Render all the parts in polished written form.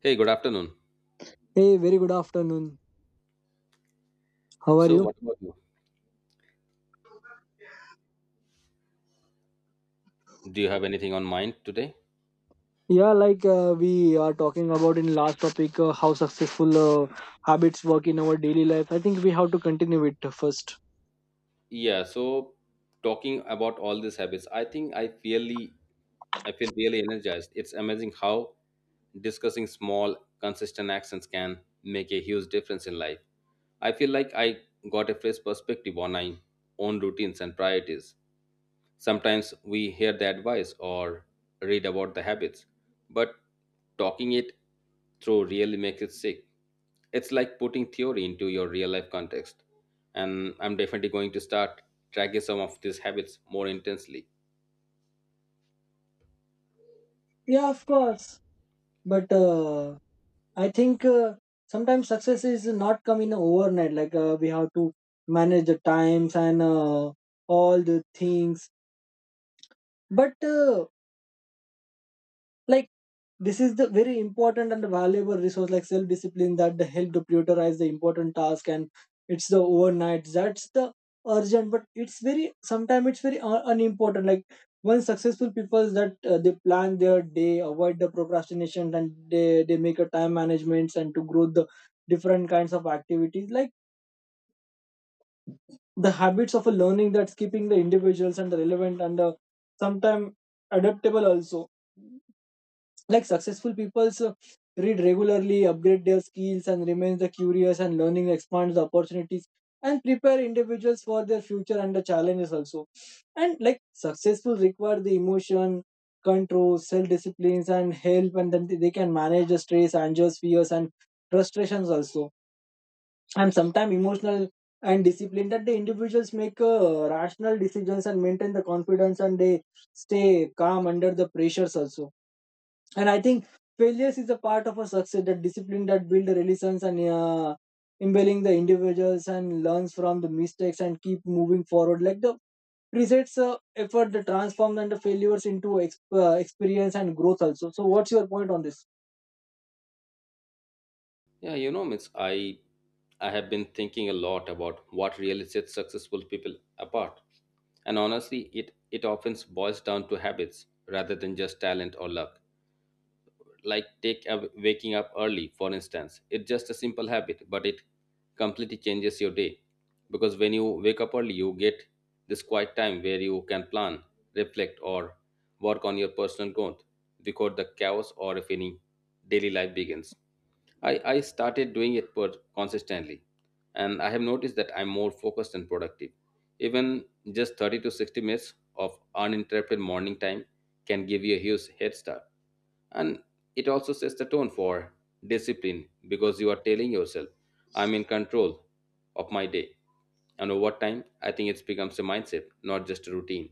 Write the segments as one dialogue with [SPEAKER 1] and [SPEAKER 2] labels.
[SPEAKER 1] Hey, good afternoon.
[SPEAKER 2] Hey, very good afternoon. How are
[SPEAKER 1] So,
[SPEAKER 2] you?
[SPEAKER 1] what about you? Do you have anything on mind today?
[SPEAKER 2] Yeah, like we are talking about in last topic how successful habits work in our daily life. I think we have to continue it first.
[SPEAKER 1] Yeah, so talking about all these habits, I think I feel really energized. It's amazing how discussing small, consistent actions can make a huge difference in life. I feel like I got a fresh perspective on my own routines and priorities. Sometimes we hear the advice or read about the habits, but talking it through really makes it sick. It's like putting theory into your real life context. And I'm definitely going to start tracking some of these habits more intensely.
[SPEAKER 2] Yeah, of course. But I think sometimes success is not coming overnight. Like we have to manage the times and all the things. But like this is the very important and valuable resource like self discipline that the help to prioritize the important task, and it's the overnight. That's the urgent, but it's very sometimes it's very unimportant. Like one successful people that they plan their day, avoid the procrastination, and they make a time management and to grow the different kinds of activities like the habits of a learning that's keeping the individuals and the relevant and the sometimes adaptable also, like successful people read regularly, upgrade their skills, and remain the curious, and learning expands the opportunities and prepare individuals for their future and the challenges also. And like successful require the emotion, control, self disciplines, and help, and then they can manage the stress, angers, fears, and frustrations also. And sometimes emotional and discipline that the individuals make rational decisions and maintain the confidence, and they stay calm under the pressures also. And I think failures is a part of a success that discipline that build resilience and imbibing the individuals and learns from the mistakes and keep moving forward like the presets effort that transforms and the failures into experience and growth also. So what's your point on this?
[SPEAKER 1] Yeah, Miss, I have been thinking a lot about what really sets successful people apart. And honestly, it often boils down to habits rather than just talent or luck. Like take a waking up early, for instance. It's just a simple habit, but it completely changes your day. Because when you wake up early, you get this quiet time where you can plan, reflect, or work on your personal growth before the chaos or if any daily life begins. I started doing it per consistently, and I have noticed that I'm more focused and productive. Even just 30 to 60 minutes of uninterrupted morning time can give you a huge head start. And it also sets the tone for discipline because you are telling yourself, I'm in control of my day. And over time, I think it becomes a mindset, not just a routine.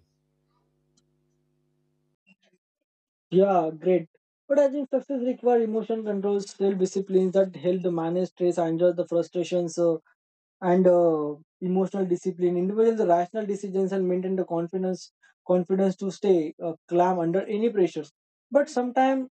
[SPEAKER 2] Yeah, great, but I think success requires emotion control, self disciplines that help the manage stress and the frustrations and emotional discipline. Individuals are rational decisions and maintain the confidence to stay calm under any pressures. But sometimes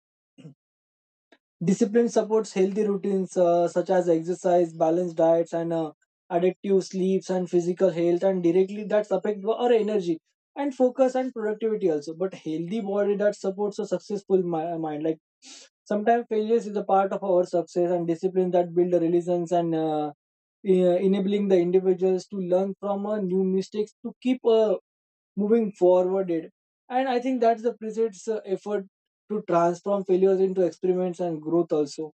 [SPEAKER 2] discipline supports healthy routines such as exercise, balanced diets, and addictive sleeps and physical health, and directly that affect our energy and focus and productivity also. But healthy body that supports a successful mind. Like sometimes failures is a part of our success and discipline that build resilience and enabling the individuals to learn from new mistakes to keep moving forward. And I think that's the precise effort to transform failures into experiments and growth also.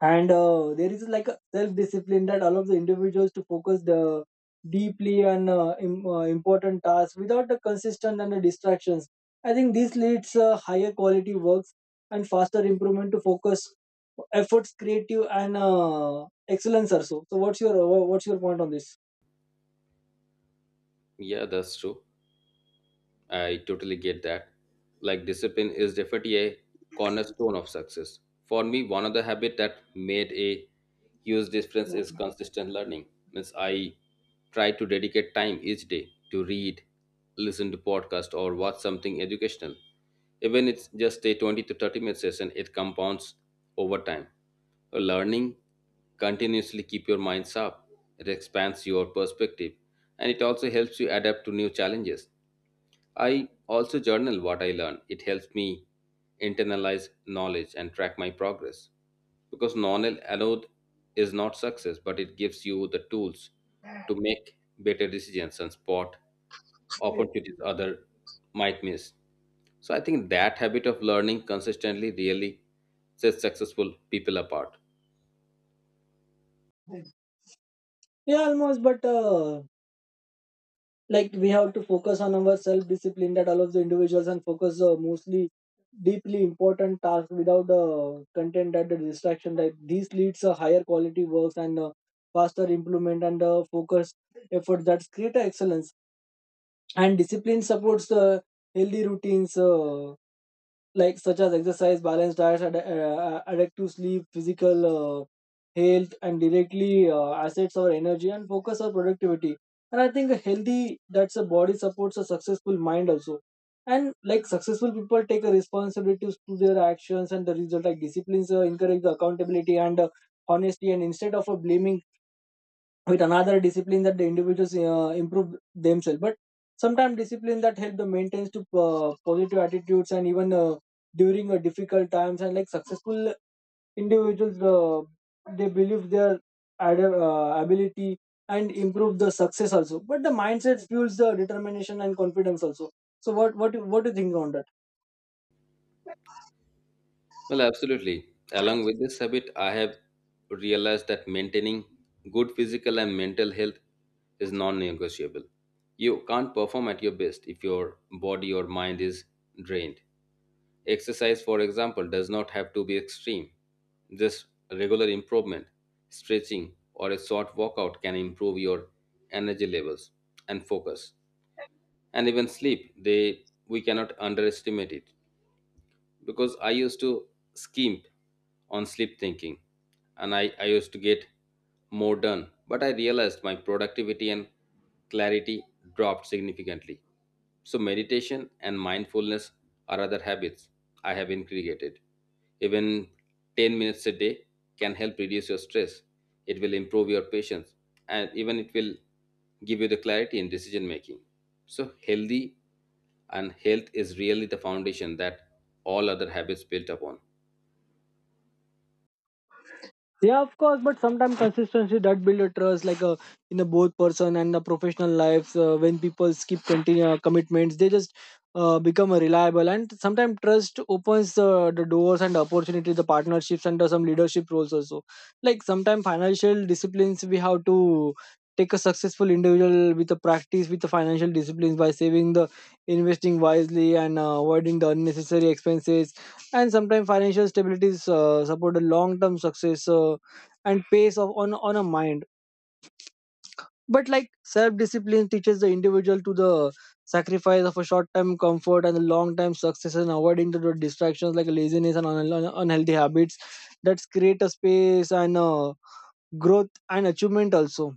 [SPEAKER 2] And there is like a self discipline that allows the individuals to focus the deeply on important tasks without the consistent and the distractions. I think this leads higher quality works and faster improvement to focus efforts creative and excellence also. So what's your what's your point on this?
[SPEAKER 1] Yeah, that's true. I totally get that. Like discipline is definitely a cornerstone of success. For me, one of the habit that made a huge difference is consistent learning. Means I try to dedicate time each day to read, listen to podcast, or watch something educational. Even it's just a 20 to 30 minute session, it compounds over time. Learning continuously keep your mind sharp. It expands your perspective and it also helps you adapt to new challenges. I also journal what I learn. It helps me internalize knowledge and track my progress. Because knowledge alone is not success, but it gives you the tools to make better decisions and spot opportunities other might miss. So I think that habit of learning consistently really sets successful people apart.
[SPEAKER 2] Yeah, almost, but like we have to focus on our self discipline that all of the individuals and focus mostly deeply important tasks without content that the distraction that these leads a higher quality works and faster improvement and focus effort that's greater excellence. And discipline supports healthy routines like such as exercise, balanced diet, adequate sleep, physical health, and directly assets our energy and focus our productivity. And I think a healthy that's a body supports a successful mind also. And like successful people take a responsibility to their actions and the result, like disciplines encourage the accountability and honesty, and instead of blaming with another discipline that the individuals improve themselves. But sometimes discipline that help the maintains to positive attitudes and even during difficult times. And like successful individuals they believe their ability and improve the success also, but the mindset fuels the determination and confidence also. So what do you think on that?
[SPEAKER 1] Well, absolutely. Along with this habit, I have realized that maintaining good physical and mental health is non negotiable. You can't perform at your best if your body or mind is drained. Exercise, for example, does not have to be extreme. Just regular improvement, stretching, or a short workout can improve your energy levels and focus. And even sleep, they we cannot underestimate it because I used to skimp on sleep thinking and I used to get more done. But I realized my productivity and clarity dropped significantly. So, meditation and mindfulness are other habits I have integrated. Even 10 minutes a day can help reduce your stress. It will improve your patience and even it will give you the clarity in decision making. So, healthy and health is really the foundation that all other habits built upon.
[SPEAKER 2] Yeah, of course, but sometimes consistency that build a trust, like in the both person and the professional lives. When people skip continue commitments, they just become a reliable. And sometimes trust opens the doors and opportunities, the partnerships and some leadership roles also. Like sometimes financial disciplines, we have to take a successful individual with a practice with the financial disciplines by saving the investing wisely and avoiding the unnecessary expenses. And sometimes financial stability is support a long term success and pace of on a mind. But like self discipline teaches the individual to the sacrifice of a short term comfort and the long term success, and avoiding the distractions like laziness and unhealthy habits that create a space and growth and achievement also.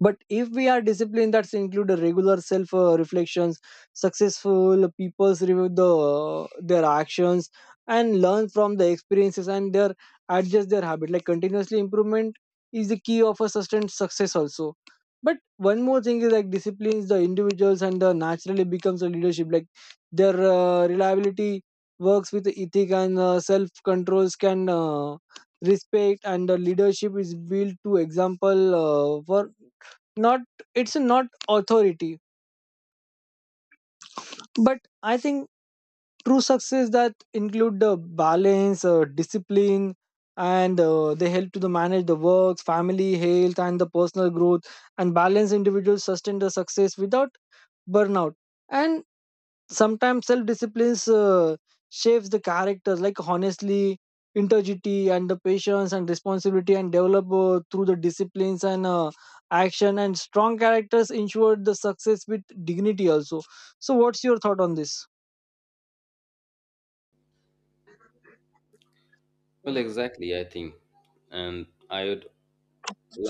[SPEAKER 2] But if we are disciplined, that's include a regular self reflections. Successful people's review the their actions and learn from the experiences and their adjust their habit, like continuously improvement is the key of a sustained success also. But one more thing is like disciplines the individuals and the naturally becomes a leadership, like their reliability works with the ethic and self controls can respect, and the leadership is built to example for not, it's not authority. But I think true success that include the balance discipline and they help to the manage the works family health and the personal growth, and balance individuals sustain the success without burnout. And sometimes self discipline shapes the characters like honestly, integrity and the patience and responsibility and develop through the disciplines and action, and strong characters ensure the success with dignity also. So what's your thought on this?
[SPEAKER 1] Well, exactly, I think. And I would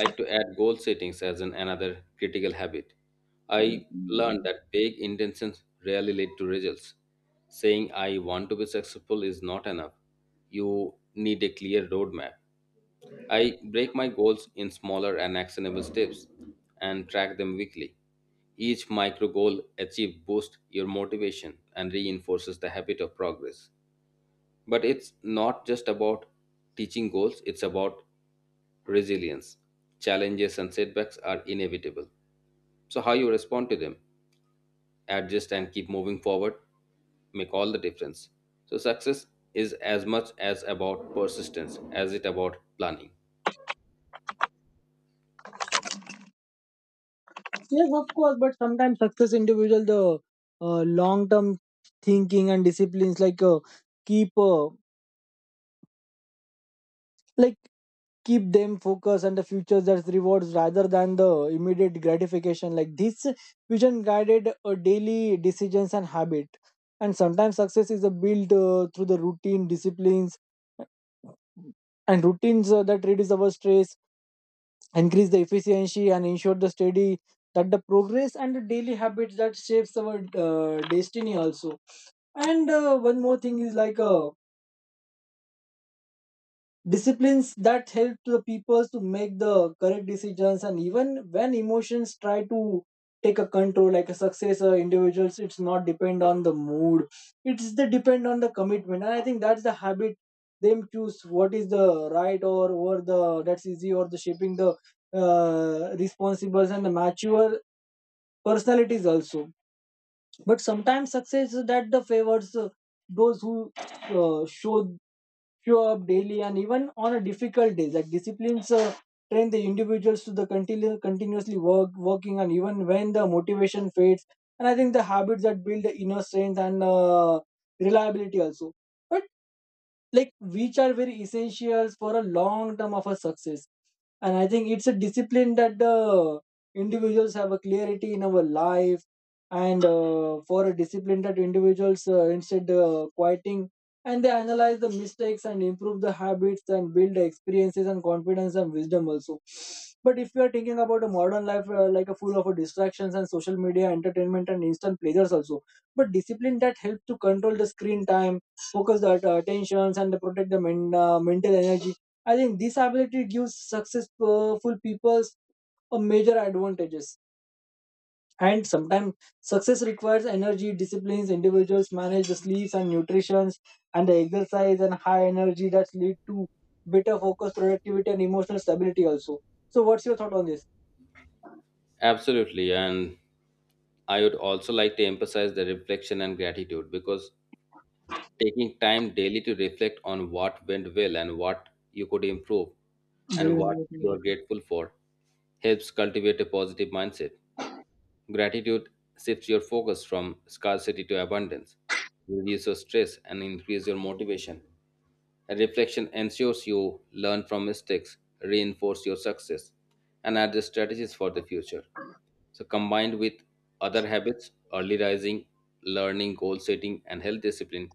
[SPEAKER 1] like to add goal settings as an another critical habit. I learned that vague intentions rarely lead to results. Saying I want to be successful is not enough. You need a clear roadmap. I break my goals in smaller and actionable steps and track them weekly. Each micro goal achieved boosts your motivation and reinforces the habit of progress. But it's not just about teaching goals, it's about resilience. Challenges and setbacks are inevitable. So how you respond to them, adjust and keep moving forward make all the difference. So success is as much as about persistence as it about planning.
[SPEAKER 2] Yes, of course, but sometimes success individual the long term thinking and disciplines like keep uh, like keep them focused on the future that rewards rather than the immediate gratification, like this vision guided daily decisions and habit. And sometimes success is built through the routine disciplines and routines that reduce our stress, increase the efficiency, and ensure the steady that the progress, and the daily habits that shapes our destiny also. And one more thing is like disciplines that help to the people to make the correct decisions, and even when emotions try to take a control, like a success or individuals, it's not depend on the mood, it's the depend on the commitment. And I think that's the habit them choose what is the right or the that's easy, or the shaping the responsibles and the mature personalities also. But sometimes success is that the favors those who show up daily and even on a difficult days, like disciplines train the individuals to the continuously work working, and even when the motivation fades. And I think the habits that build the inner strength and reliability also, but like which are very essentials for a long term of a success. And I think it's a discipline that the individuals have a clarity in our life. And for a discipline that individuals instead quieting, and they analyze the mistakes and improve the habits and build the experiences and confidence and wisdom also. But if you are thinking about a modern life like a full of distractions and social media entertainment and instant pleasures also, but discipline that helps to control the screen time, focus the attentions, and protect the mental energy. I think this ability gives successful people a major advantages. And sometimes success requires energy, disciplines, individuals manage the sleeps and nutrition and the exercise, and high energy that lead to better focus, productivity, and emotional stability also. So what's your thought on this?
[SPEAKER 1] Absolutely. And I would also like to emphasize the reflection and gratitude because taking time daily to reflect on what went well and what you could improve and what you are grateful for helps cultivate a positive mindset. Gratitude shifts your focus from scarcity to abundance, reduces stress, and increase your motivation. Reflection ensures you learn from mistakes, reinforce your success, and add strategies for the future. So, combined with other habits, early rising, learning, goal setting, and health discipline,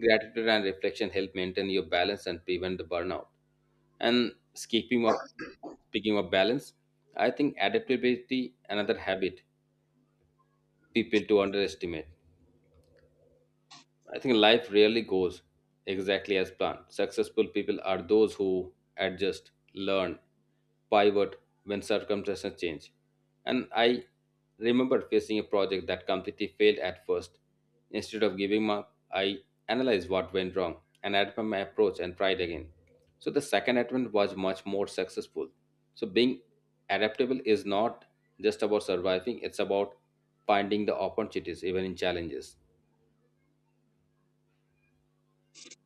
[SPEAKER 1] gratitude and reflection help maintain your balance and prevent the burnout. And keeping up, speaking of balance, I think adaptability another habit people to underestimate. I think life rarely goes exactly as planned. Successful people are those who adjust, learn, pivot when circumstances change. And I remember facing a project that completely failed at first. Instead of giving up, I analyzed what went wrong and adapted my approach and tried again. So the second attempt was much more successful. So being adaptable is not just about surviving, it's about finding the opportunities even in challenges.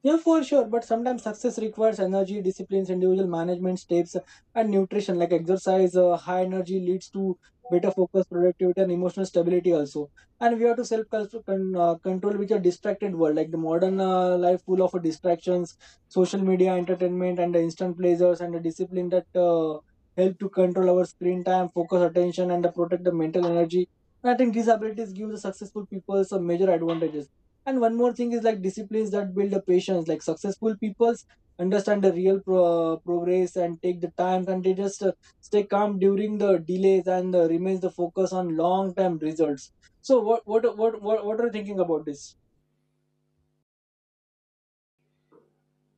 [SPEAKER 2] Yeah, for sure. But sometimes success requires energy, disciplines, individual management steps, and nutrition. Like exercise, high energy leads to better focus, productivity, and emotional stability also. And we have to self control with a distracted world, like the modern life full of distractions, social media, entertainment, and the instant pleasures, and the discipline that help to control our screen time, focus, attention, and protect the mental energy. I think these abilities give the successful people some major advantages. And one more thing is like disciplines that build a patience. Like successful peoples understand the real progress and take the time, and they just stay calm during the delays and remains the focus on long term results. So what are you thinking about this?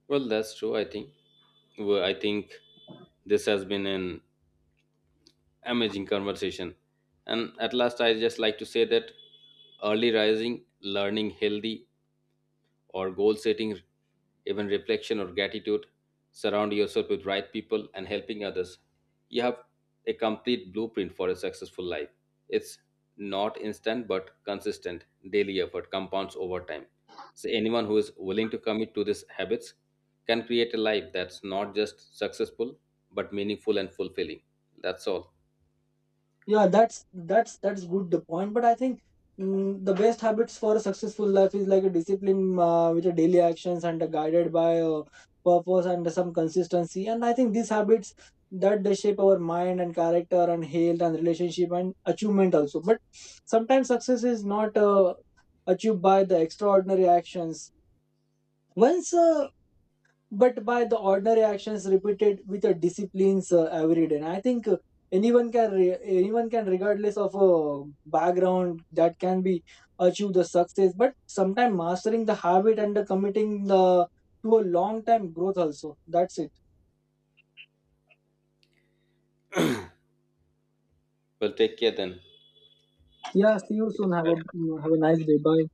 [SPEAKER 1] Well, that's true, I think. Well, I think this has been an amazing conversation. And at last, I just like to say that early rising, learning healthy or goal setting, even reflection or gratitude, surround yourself with right people and helping others, you have a complete blueprint for a successful life. It's not instant but consistent daily effort compounds over time. So anyone who is willing to commit to these habits can create a life that's not just successful but meaningful and fulfilling. That's all.
[SPEAKER 2] Yeah, that's that's good the point, but I think the best habits for a successful life is like a discipline with a daily actions and guided by purpose and some consistency. And I think these habits that they shape our mind and character and health and relationship and achievement also. But sometimes success is not achieved by the extraordinary actions once but by the ordinary actions repeated with a disciplines every day. And I think anyone can, regardless of a background, that can be achieve the success. But sometimes mastering the habit and the committing the to a long time growth also. That's it.
[SPEAKER 1] Well, take care then.
[SPEAKER 2] Yeah. See you
[SPEAKER 1] Keep
[SPEAKER 2] soon.
[SPEAKER 1] striving.
[SPEAKER 2] Have a
[SPEAKER 1] Have
[SPEAKER 2] nice
[SPEAKER 1] a
[SPEAKER 2] day. Bye.